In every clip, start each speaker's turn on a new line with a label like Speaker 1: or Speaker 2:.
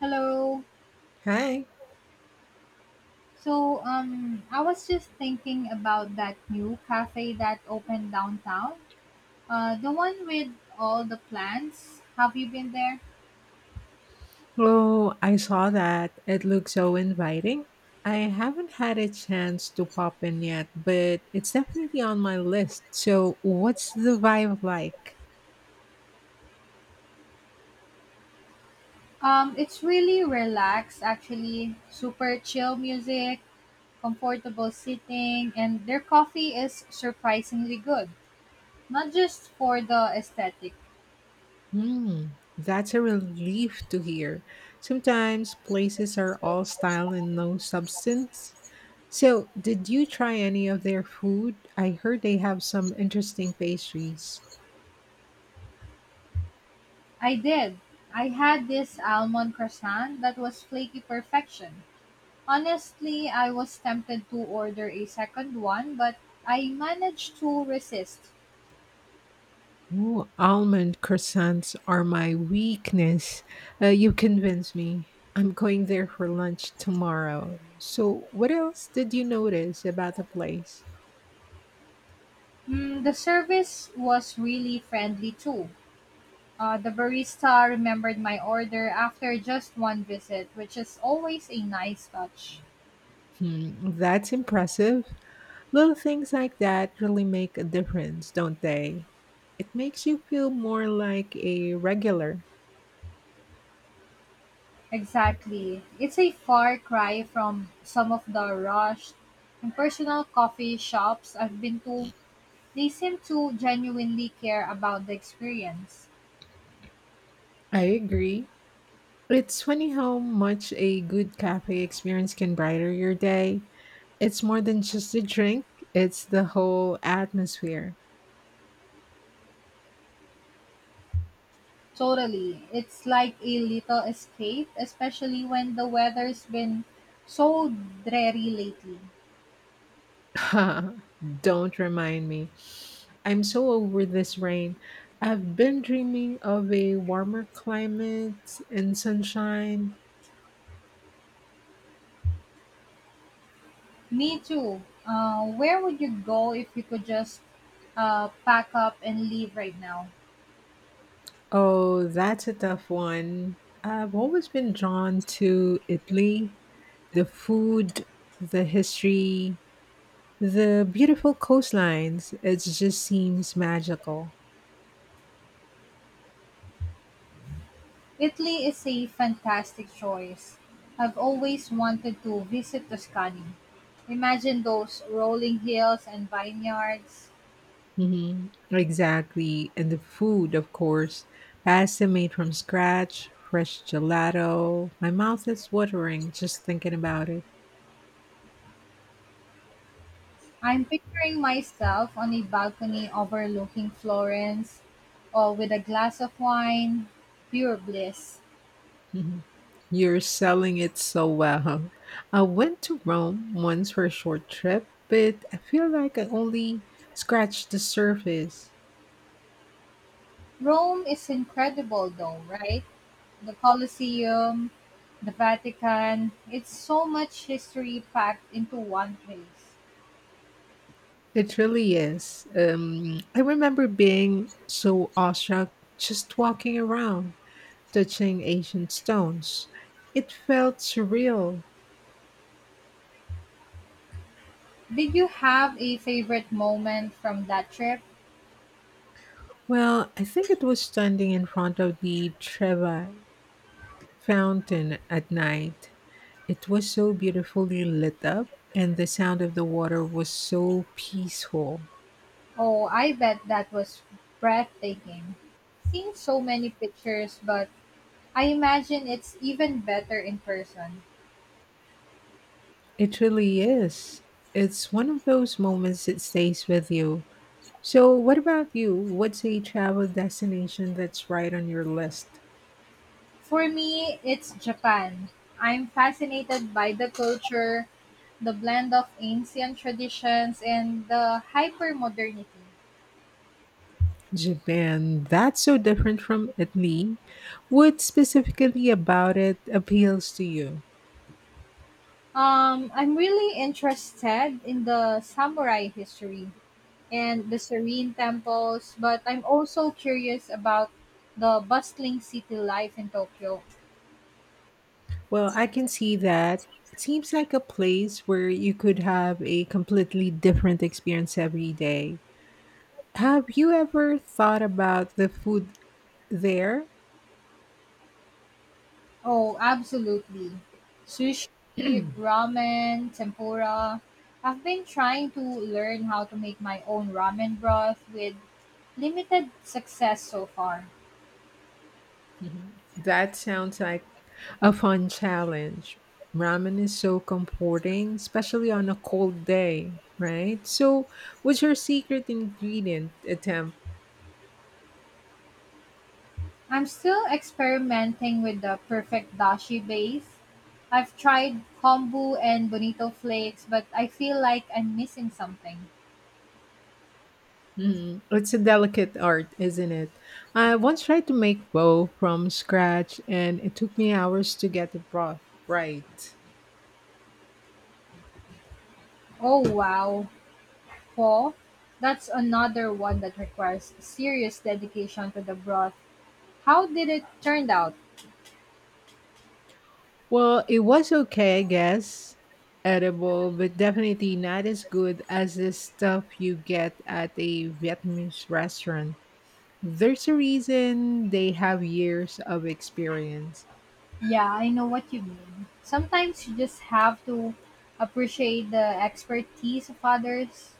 Speaker 1: Hello.
Speaker 2: Hi.
Speaker 1: So, I was just thinking about that new cafe that opened downtown. The one with all the plants. Have you been there?
Speaker 2: Oh, I saw that. It looks so inviting. I haven't had a chance to pop in yet, but it's definitely on my list. So, what's the vibe like?
Speaker 1: It's really relaxed, actually. Super chill music, comfortable sitting, and their coffee is surprisingly good. Not just for the aesthetic.
Speaker 2: Hmm, that's a relief to hear. Sometimes places are all style and no substance. So, did you try any of their food? I heard they have some interesting pastries.
Speaker 1: I did. I had this almond croissant that was flaky perfection. Honestly, I was tempted to order a second one, but I managed to resist.
Speaker 2: Ooh, almond croissants are my weakness. You convince me. I'm going there for lunch tomorrow. So, what else did you notice about the place?
Speaker 1: Mm, the service was really friendly too. The barista remembered my order after just one visit, which is always a nice touch.
Speaker 2: Hmm, that's impressive. Little things like that really make a difference, don't they? It makes you feel more like a regular.
Speaker 1: Exactly. It's a far cry from some of the rushed impersonal coffee shops I've been to. They seem to genuinely care about the experience.
Speaker 2: I agree. It's funny how much a good cafe experience can brighten your day. It's more than just a drink, it's the whole atmosphere.
Speaker 1: Totally. It's like a little escape, especially when the weather's been so dreary lately.
Speaker 2: Don't remind me. I'm so over this rain. I've been dreaming of a warmer climate and sunshine.
Speaker 1: Me too. Where would you go if you could just pack up and leave right now?
Speaker 2: Oh, that's a tough one. I've always been drawn to Italy, the food, the history, the beautiful coastlines, it just seems magical.
Speaker 1: Italy is a fantastic choice. I've always wanted to visit Tuscany. Imagine those rolling hills and vineyards.
Speaker 2: Hmm. Exactly. And the food, of course. Pasta made from scratch, fresh gelato. My mouth is watering just thinking about it.
Speaker 1: I'm picturing myself on a balcony overlooking Florence, or with a glass of wine, pure bliss.
Speaker 2: You're selling it so well. I went to Rome once for a short trip, but I feel like I only scratched the surface.
Speaker 1: Rome is incredible, though, right? The Colosseum, the Vatican, it's so much history packed into one place.
Speaker 2: It really is. I remember being so awestruck just walking around, touching ancient stones. It felt surreal.
Speaker 1: Did you have a favorite moment from that trip?
Speaker 2: Well, I think it was standing in front of the Treva fountain at night. It was so beautifully lit up, and the sound of the water was so peaceful.
Speaker 1: Oh, I bet that was breathtaking. Seen so many pictures, but I imagine it's even better in person.
Speaker 2: It really is. It's one of those moments that stays with you. So, what about you? What's a travel destination that's right on your list?
Speaker 1: For me, it's Japan. I'm fascinated by the culture, the blend of ancient traditions, and the hyper modernity.
Speaker 2: Japan, that's so different from Italy. What specifically about it appeals to you?
Speaker 1: I'm really interested in the samurai history and the serene temples, but I'm also curious about the bustling city life in Tokyo.
Speaker 2: Well, I can see that. It seems like a place where you could have a completely different experience every day. Have you ever thought about the food there?
Speaker 1: Oh, absolutely. Sushi, ramen, tempura. I've been trying to learn how to make my own ramen broth with limited success so far.
Speaker 2: That sounds like a fun challenge. Ramen is so comforting, especially on a cold day, right? So, what's your secret ingredient attempt?
Speaker 1: I'm still experimenting with the perfect dashi base. I've tried kombu and bonito flakes, but I feel like I'm missing something.
Speaker 2: Mm, it's a delicate art, isn't it? I once tried to make bow from scratch, and it took me hours to get the broth right.
Speaker 1: Oh, wow. Paw, that's another one that requires serious dedication to the broth. How did it turn out?
Speaker 2: Well, it was okay, I guess. Edible, but definitely not as good as the stuff you get at a Vietnamese restaurant. There's a reason they have years of experience.
Speaker 1: Yeah, I know what you mean. Sometimes you just have to appreciate the expertise of others.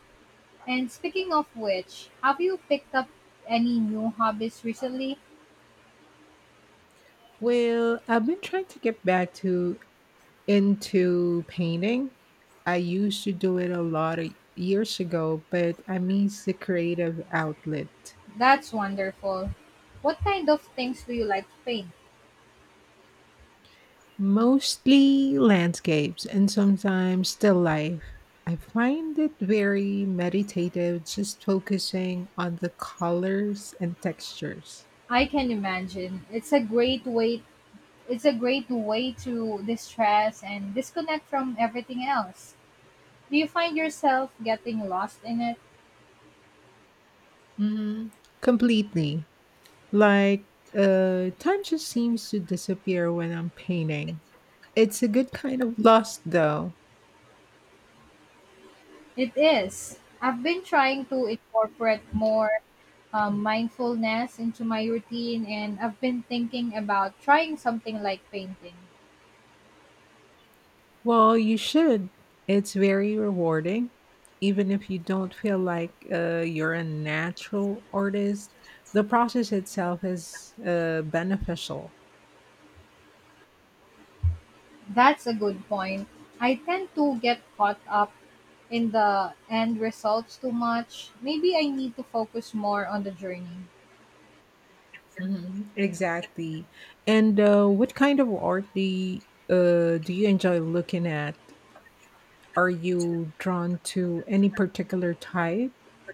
Speaker 1: And speaking of which, have you picked up any new hobbies recently?
Speaker 2: Well, I've been trying to get back to into painting. I used to do it a lot of years ago, but I miss the creative outlet.
Speaker 1: That's wonderful. What kind of things do you like to paint?
Speaker 2: Mostly landscapes and sometimes still life. I find it very meditative just focusing on the colors and textures.
Speaker 1: I can imagine. It's a great way to distress and disconnect from everything else. Do you find yourself getting lost in it?
Speaker 2: Mhm. Completely. Like, time just seems to disappear when I'm painting. It's a good kind of lost, though.
Speaker 1: It is. I've been trying to incorporate more mindfulness into my routine, and I've been thinking about trying something like painting.
Speaker 2: Well, you should. It's very rewarding. Even if you don't feel like you're a natural artist, the process itself is beneficial.
Speaker 1: That's a good point. I tend to get caught up in the end results too much. Maybe I need to focus more on the journey.
Speaker 2: Mhm. Exactly. And what kind of art do you enjoy looking at? Are you drawn to any particular type,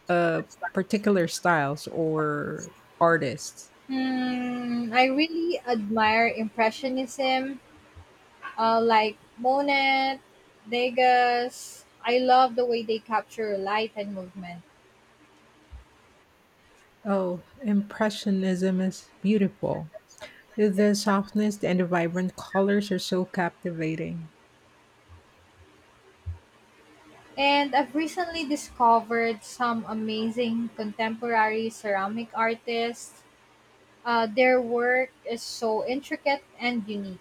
Speaker 2: uh, particular styles, or artists?
Speaker 1: Hmm, I really admire Impressionism. Like Monet, Degas. I love the way they capture light and movement.
Speaker 2: Oh, Impressionism is beautiful. The softness and the vibrant colors are so captivating.
Speaker 1: And I've recently discovered some amazing contemporary ceramic artists. Their work is so intricate and unique.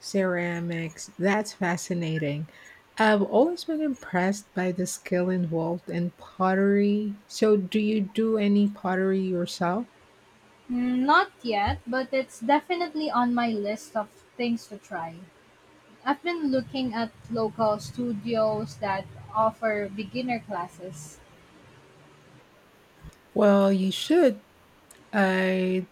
Speaker 2: Ceramics, that's fascinating. I've always been impressed by the skill involved in pottery. So, do you do any pottery yourself?
Speaker 1: Mm, not yet, but it's definitely on my list of things to try. I've been looking at local studios that offer beginner classes.
Speaker 2: Well, you should. I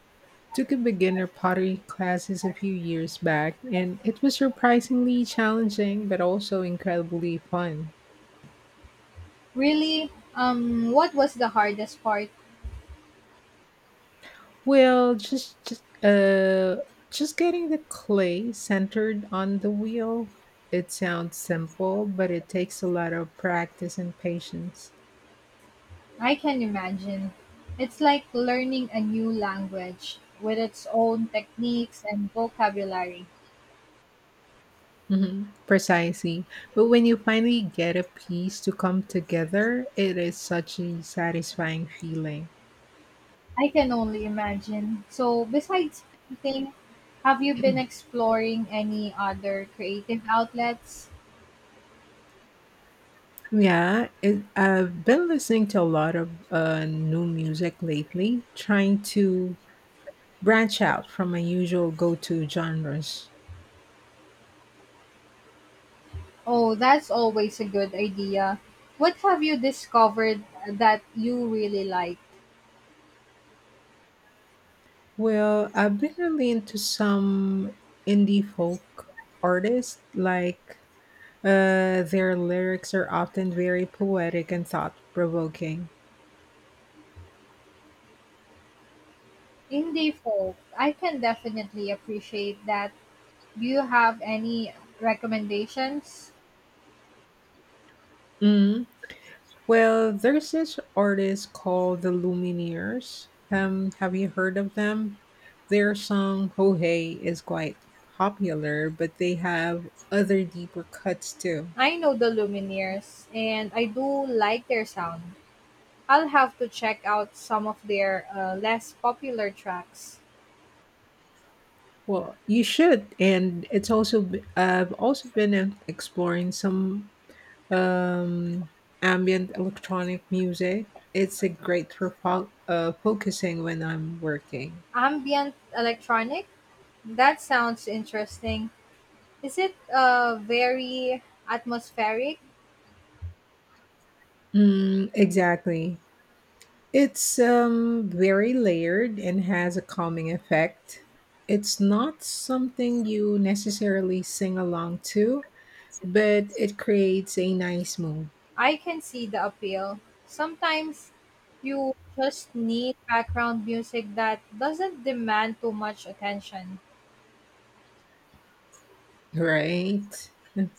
Speaker 2: took a beginner pottery classes a few years back, and it was surprisingly challenging but also incredibly fun.
Speaker 1: Really, what was the hardest part?
Speaker 2: Well, just getting the clay centered on the wheel. It sounds simple, but it takes a lot of practice and patience.
Speaker 1: I can imagine. It's like learning a new language with its own techniques and vocabulary.
Speaker 2: Hmm. Precisely. But when you finally get a piece to come together, it is such a satisfying feeling.
Speaker 1: I can only imagine. So, besides painting, have you been exploring any other creative outlets?
Speaker 2: Yeah, I've been listening to a lot of new music lately, trying to branch out from my usual go to genres.
Speaker 1: Oh, that's always a good idea. What have you discovered that you really like?
Speaker 2: Well, I've been really into some indie folk artists. Like, their lyrics are often very poetic and thought provoking.
Speaker 1: Indie folk, I can definitely appreciate that. Do you have any recommendations?
Speaker 2: Mm. Well, there's this artist called the Lumineers. Have you heard of them? Their song "Ho Hey" is quite popular, but they have other deeper cuts too.
Speaker 1: I know the Lumineers, and I do like their sound. I'll have to check out some of their less popular tracks.
Speaker 2: Well, you should, and I've also been exploring some um, ambient electronic music. It's a great for focusing when I'm working.
Speaker 1: Ambient electronic? That sounds interesting. Is it very atmospheric?
Speaker 2: Mm, exactly. It's very layered and has a calming effect. It's not something you necessarily sing along to, but it creates a nice mood,
Speaker 1: I can see the appeal. Sometimes you just need background music that doesn't demand too much attention.
Speaker 2: right?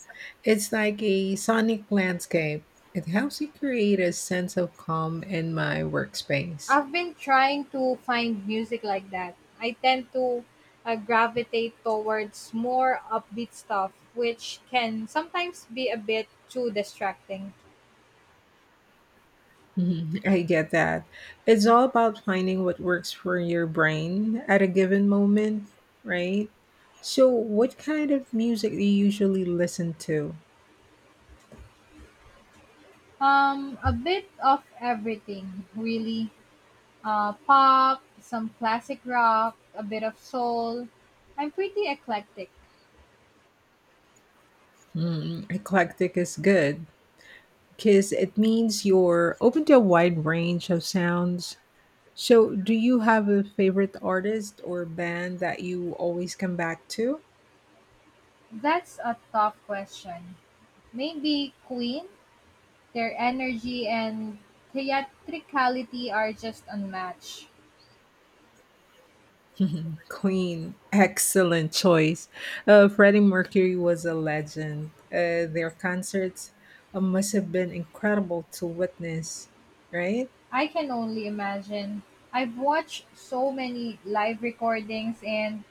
Speaker 2: It's like a sonic landscape. It helps me create a sense of calm in my workspace.
Speaker 1: I've been trying to find music like that. I tend to gravitate towards more upbeat stuff, which can sometimes be a bit too distracting.
Speaker 2: Mhm, I get that. It's all about finding what works for your brain at a given moment, right? So, what kind of music do you usually listen to?
Speaker 1: A bit of everything, really. Pop, some classic rock, a bit of soul. I'm pretty eclectic.
Speaker 2: Hmm, eclectic is good, because it means you're open to a wide range of sounds. So, do you have a favorite artist or band that you always come back to?
Speaker 1: That's a tough question. Maybe Queen, their energy and theatricality are just unmatched.
Speaker 2: Mhm. Queen, excellent choice. Freddie Mercury was a legend. Their concerts must have been incredible to witness, right?
Speaker 1: I can only imagine. I've watched so many live recordings and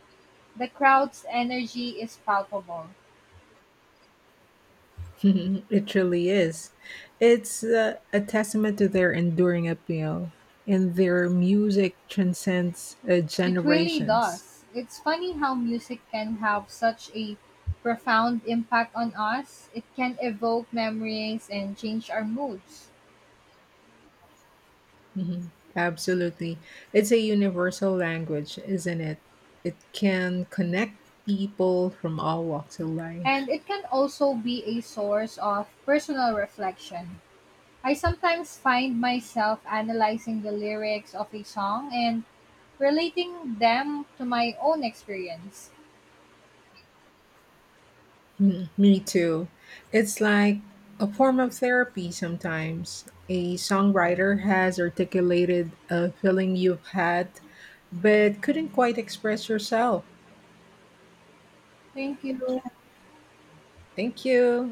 Speaker 1: the crowd's energy is palpable.
Speaker 2: Mhm, it really is. It's a testament to their enduring appeal, and their music transcends
Speaker 1: It really
Speaker 2: generations.
Speaker 1: does. It's funny how music can have such a profound impact on us. It can evoke memories and change our moods.
Speaker 2: Mhm. Absolutely. It's a universal language, isn't it? It can connect people from all walks of life.
Speaker 1: And it can also be a source of personal reflection. I sometimes find myself analyzing the lyrics of a song and relating them to my own experience.
Speaker 2: Mm, me too. It's like a form of therapy sometimes. A songwriter has articulated a feeling you've had but couldn't quite express yourself.
Speaker 1: Thank you.
Speaker 2: Thank you.